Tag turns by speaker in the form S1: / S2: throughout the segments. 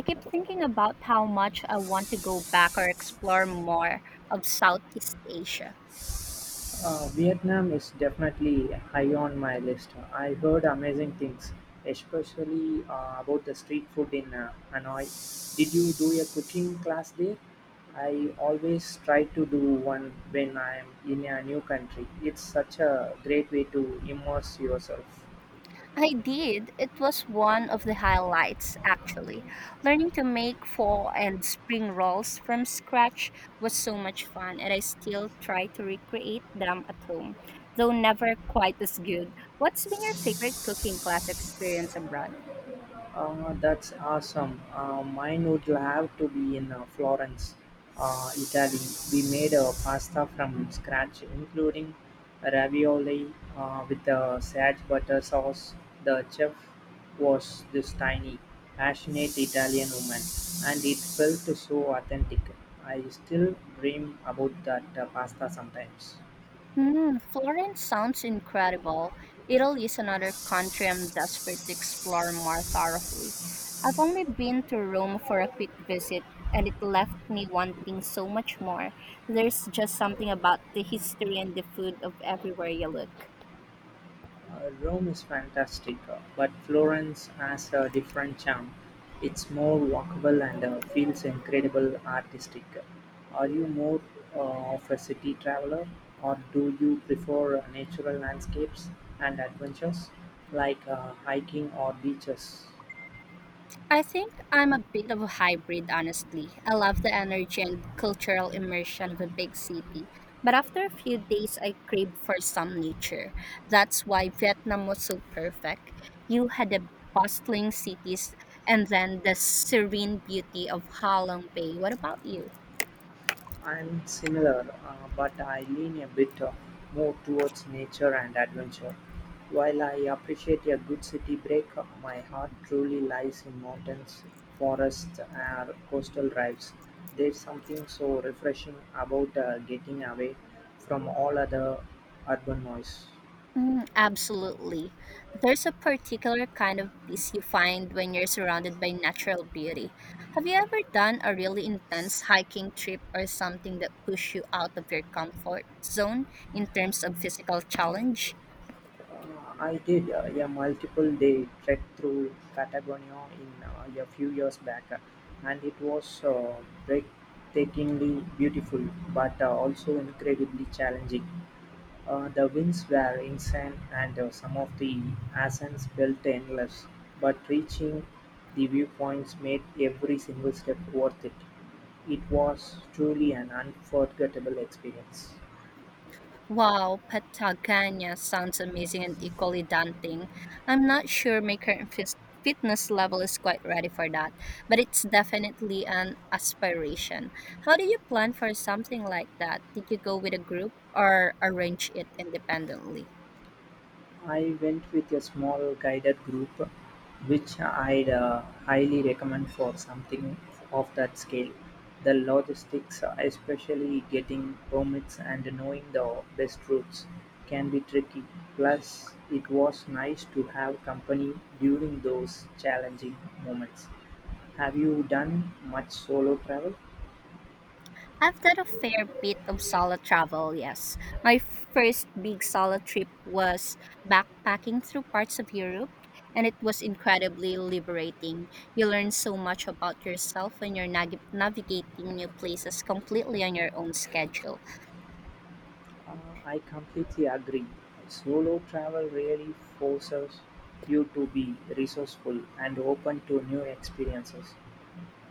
S1: I keep thinking about how much I want to go back or explore more of Southeast Asia.
S2: Vietnam is definitely high on my list. I heard amazing things, especially about the street food in Hanoi. Did you do a cooking class there? I always try to do one when I am in a new country. It's such a great way to immerse yourself.
S1: I did. It was one of the highlights, actually. Learning to make fall and spring rolls from scratch was so much fun, and I still try to recreate them at home, though never quite as good. What's been your favorite cooking class experience abroad?
S2: That's awesome. Mine would have to be in Florence, Italy. We made a pasta from scratch, including ravioli with the sage butter sauce. The chef was this tiny, passionate Italian woman, and it felt so authentic. I still dream about that pasta sometimes.
S1: Mm, Florence sounds incredible. Italy is another country I'm desperate to explore more thoroughly. I've only been to Rome for a quick visit, and it left me wanting so much more. There's just something about the history and the food of everywhere you look.
S2: Rome is fantastic, but Florence has a different charm. It's more walkable and feels incredible artistic. Are you more uh, of a city traveler, or do you prefer natural landscapes and adventures like hiking or beaches?
S1: I think I'm a bit of a hybrid, honestly. I love the energy and cultural immersion of a big city, but after a few days, I crave for some nature. That's why Vietnam was so perfect. You had the bustling cities and then the serene beauty of Ha Long Bay. What about you?
S2: I'm similar, but I lean a bit more towards nature and adventure. While I appreciate a good city break, my heart truly lies in mountains, forests, and coastal drives. There's something so refreshing about getting away from all other urban noise.
S1: Mm, absolutely. There's a particular kind of peace you find when you're surrounded by natural beauty. Have you ever done a really intense hiking trip or something that pushed you out of your comfort zone in terms of physical challenge?
S2: Uh, I did a multiple day trek through Patagonia in a few years back, and it was breathtakingly beautiful, but also incredibly challenging. The winds were insane, and some of the ascents felt endless, but reaching the viewpoints made every single step worth it. It was truly an unforgettable experience.
S1: Wow, Patagonia sounds amazing and equally daunting. I'm not sure my current fitness level is quite ready for that, but it's definitely an aspiration. How do you plan for something like that? Did you go with a group or arrange it independently?
S2: I went with a small guided group, which I'd highly recommend for something of that scale. The logistics, especially getting permits and knowing the best routes, can be tricky. Plus, it was nice to have company during those challenging moments. Have you done much solo travel?
S1: I've done a fair bit of solo travel, yes. My first big solo trip was backpacking through parts of Europe, and it was incredibly liberating. You learn so much about yourself when you're navigating new places completely on your own schedule.
S2: Uh, I completely agree. Solo travel really forces you to be resourceful and open to new experiences.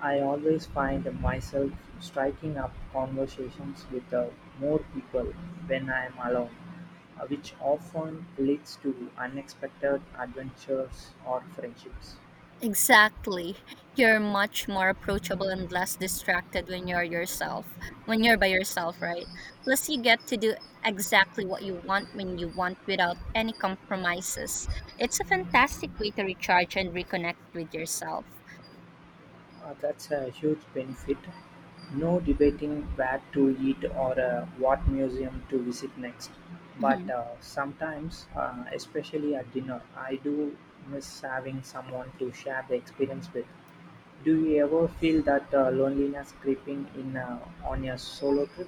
S2: I always find myself striking up conversations with more people when I am alone, which often leads to unexpected adventures or friendships.
S1: Exactly. You're much more approachable and less distracted when you're by yourself, right? Plus, you get to do exactly what you want when you want without any compromises. It's a fantastic way to recharge and reconnect with yourself.
S2: That's a huge benefit. No debating where to eat or what museum to visit next. But sometimes, especially at dinner, I do miss having someone to share the experience with. Do you ever feel that loneliness creeping in on your solo trip?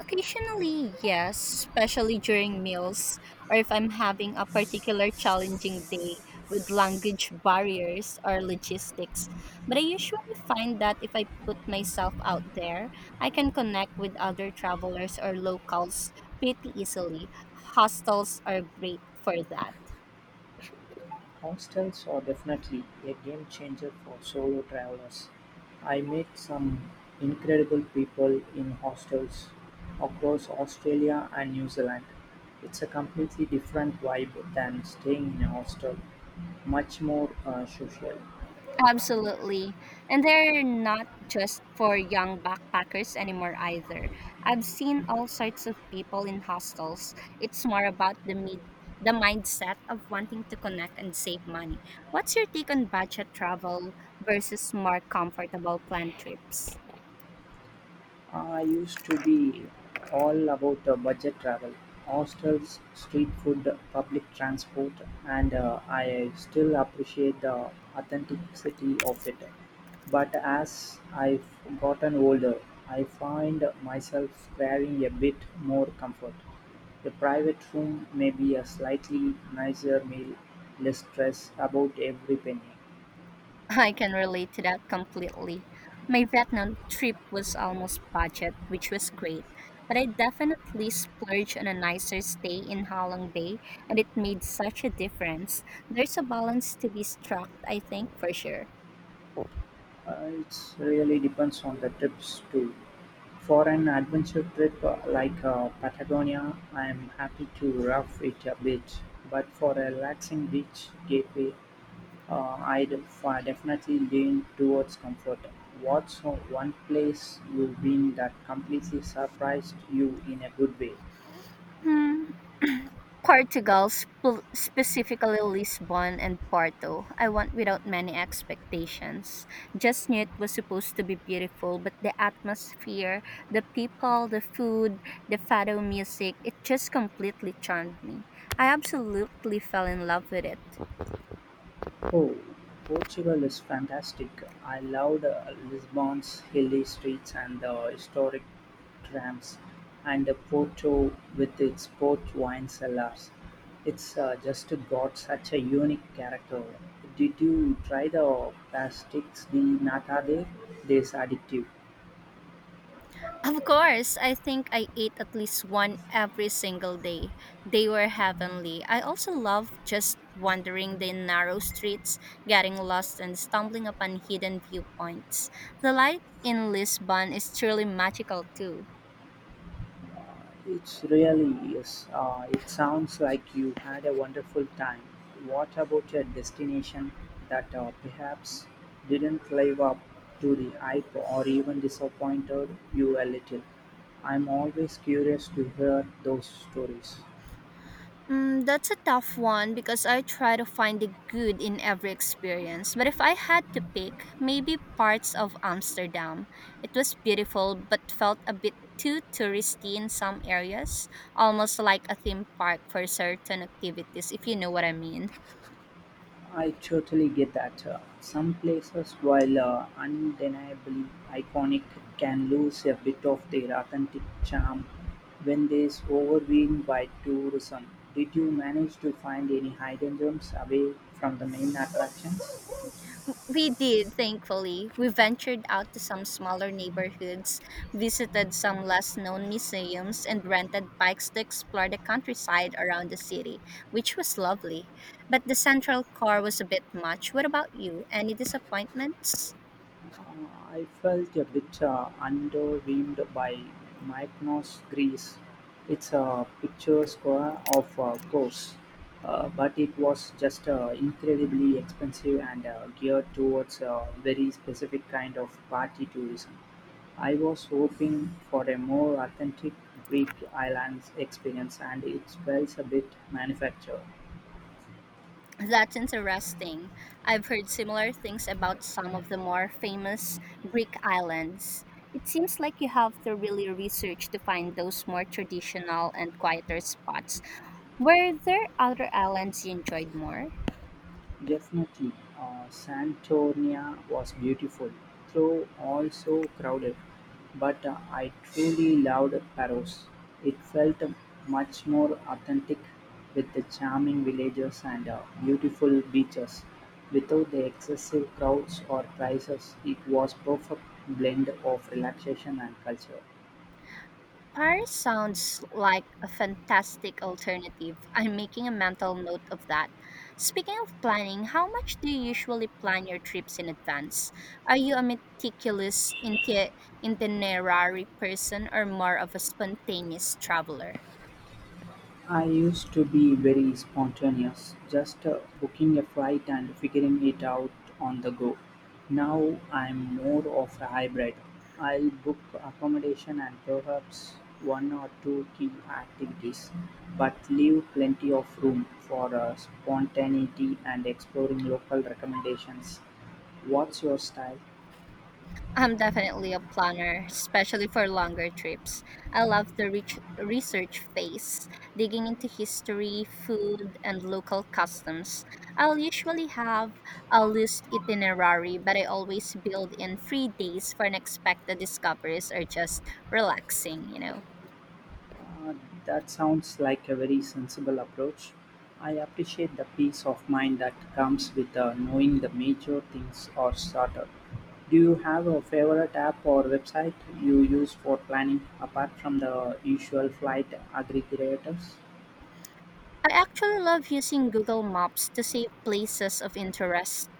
S1: Occasionally, yes, especially during meals or if I'm having a particular challenging day with language barriers or logistics. But I usually find that if I put myself out there, I can connect with other travelers or locals pretty easily. Hostels are great for that.
S2: Constants are definitely a game changer for solo travelers. I met some incredible people in hostels across Australia and New Zealand. It's a completely different vibe than staying in a hostel, much more social.
S1: Absolutely. And they're not just for young backpackers anymore either. I've seen all sorts of people in hostels. It's more about the mid the mindset of wanting to connect and save money. What's your take on budget travel versus more comfortable planned trips?
S2: I used to be all about budget travel, hostels, street food, public transport, and I still appreciate the authenticity of it. But as I've gotten older, I find myself craving a bit more comfort. A private room may be a slightly nicer meal, less stress about every penny.
S1: I can relate to that completely. My Vietnam trip was almost budget, which was great, but I definitely splurged on a nicer stay in Ha Long Bay, and it made such a difference. There's a balance to be struck, I think, for sure.
S2: It really depends on the trips too. For an adventure trip like Patagonia, I am happy to rough it a bit. But for a relaxing beach gateway, I'd definitely lean towards comfort. What's one place you've been that completely surprised you in a good way?
S1: Hmm, Portugal, specifically Lisbon and Porto, I want without many expectations. Just knew it was supposed to be beautiful, but the atmosphere, the people, the food, the fado music, it just completely charmed me. I absolutely fell in love with it.
S2: Oh, Portugal is fantastic. I loved Lisbon's hilly streets and the historic trams, and Porto with its port wine cellars. It's just got such a unique character. Did you try the pastéis de nata there? There's addictive.
S1: Of course, I think I ate at least one every single day. They were heavenly. I also love just wandering the narrow streets, getting lost and stumbling upon hidden viewpoints. The light in Lisbon is truly magical too.
S2: It's really is. It sounds like you had a wonderful time. What about your destination that perhaps didn't live up to the hype or even disappointed you a little? I'm always curious to hear those stories.
S1: Mm, that's a tough one because I try to find the good in every experience. But if I had to pick, maybe parts of Amsterdam. It was beautiful but felt a bit too touristy in some areas, almost like a theme park for certain activities, if you know what I mean.
S2: I totally get that. Some places, while undeniably iconic, can lose a bit of their authentic charm when they is overwhelmed by tourism. Did you manage to find any hidden gems away from the main attractions?
S1: We did, thankfully. We ventured out to some smaller neighborhoods, visited some less known museums, and rented bikes to explore the countryside around the city, which was lovely. But the central core was a bit much. What about you? Any disappointments?
S2: I felt a bit underwhelmed by Mykonos, Greece. It's a picturesque of course, but it was just incredibly expensive and geared towards a very specific kind of party tourism. I was hoping for a more authentic Greek islands experience, and it felt a bit manufactured.
S1: That's interesting. I've heard similar things about some of the more famous Greek islands. It seems like you have to really research to find those more traditional and quieter spots. Were there other islands you enjoyed more?
S2: Definitely, Santorini was beautiful, though also crowded. But I truly loved Paros. It felt much more authentic with the charming villages and beautiful beaches. Without the excessive crowds or prices, it was perfect blend of relaxation and culture.
S1: Paris sounds like a fantastic alternative. I'm making a mental note of that. Speaking of planning, how much do you usually plan your trips in advance? Are you a meticulous itinerary person or more of a spontaneous traveler?
S2: I used to be very spontaneous, just booking a flight and figuring it out on the go. Now I'm more of a hybrid. I'll book accommodation and perhaps one or two key activities, but leave plenty of room for spontaneity and exploring local recommendations. What's your style?
S1: I'm definitely a planner, especially for longer trips. I love the rich research phase, digging into history, food, and local customs. I'll usually have a loose itinerary, but I always build in free days for unexpected discoveries or just relaxing, you know.
S2: Uh, that sounds like a very sensible approach. I appreciate the peace of mind that comes with knowing the major things are sorted. Do you have a favorite app or website you use for planning apart from the usual flight aggregators?
S1: I actually love using Google Maps to save places of interest.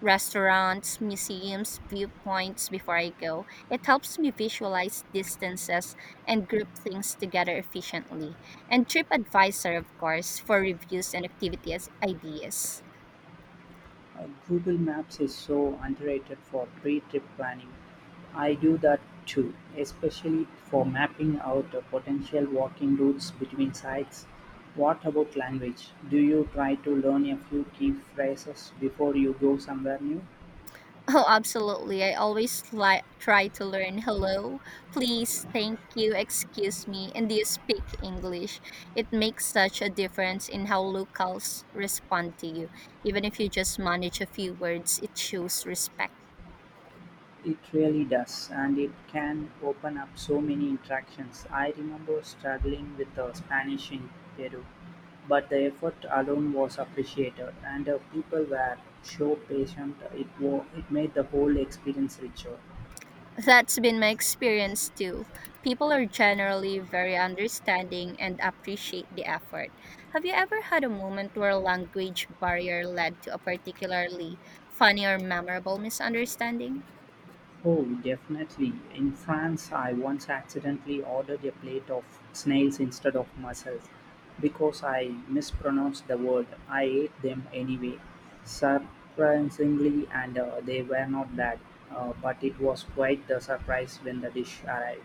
S1: Restaurants, museums, viewpoints before I go. It helps me visualize distances and group things together efficiently. And TripAdvisor, of course, for reviews and activity as ideas.
S2: Google Maps is so underrated for pre-trip planning. I do that too, especially for mapping out the potential walking routes between sites. What about language? Do you try to learn a few key phrases before you go somewhere new?
S1: Oh, absolutely. I always try to learn hello, please, thank you, excuse me, and do you speak English? It makes such a difference in how locals respond to you. Even if you just manage a few words, it shows respect.
S2: It really does, and it can open up so many interactions. I remember struggling with the Spanish in Peru, but the effort alone was appreciated, and the people were so patient. It made the whole experience richer.
S1: That's been my experience too. People are generally very understanding and appreciate the effort. Have you ever had a moment where a language barrier led to a particularly funny or memorable misunderstanding?
S2: Oh, definitely. In France, I once accidentally ordered a plate of snails instead of mussels because I mispronounced the word. I ate them anyway. Surprisingly, and they were not bad, but it was quite the surprise when the dish arrived.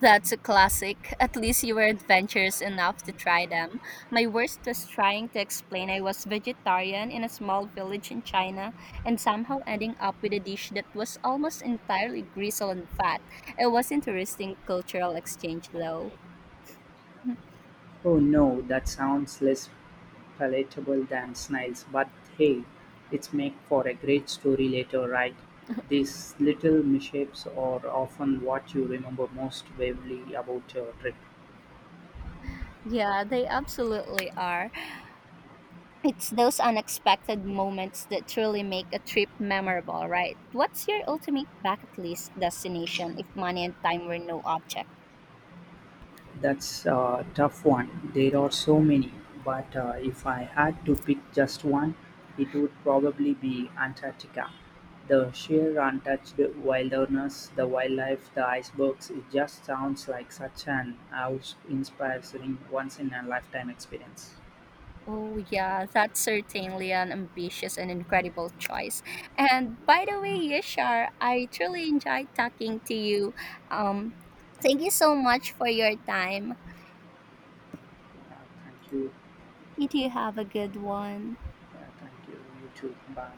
S1: That's a classic. At least you were adventurous enough to try them. My worst was trying to explain I was vegetarian in a small village in China and somehow ending up with a dish that was almost entirely gristle and fat. It was interesting cultural exchange though.
S2: Oh no, that sounds less palatable than snails, but hey, it's make for a great story later, right? These little mishaps are often what you remember most vividly about your trip.
S1: Yeah, they absolutely are. It's those unexpected moments that truly make a trip memorable, right? What's your ultimate bucket list destination if money and time were no object?
S2: That's a tough one. There are so many, but if I had to pick just one, it would probably be Antarctica. The sheer untouched wilderness, the wildlife, the icebergs, it just sounds like such an awe-inspiring once in a lifetime experience.
S1: Oh, yeah, that's certainly an ambitious and incredible choice. And by the way, Yashar, I truly enjoyed talking to you. Um, Thank you so much for your time.
S2: Yeah, thank you.
S1: You do have a good one.
S2: Yeah, thank you. You too. Bye.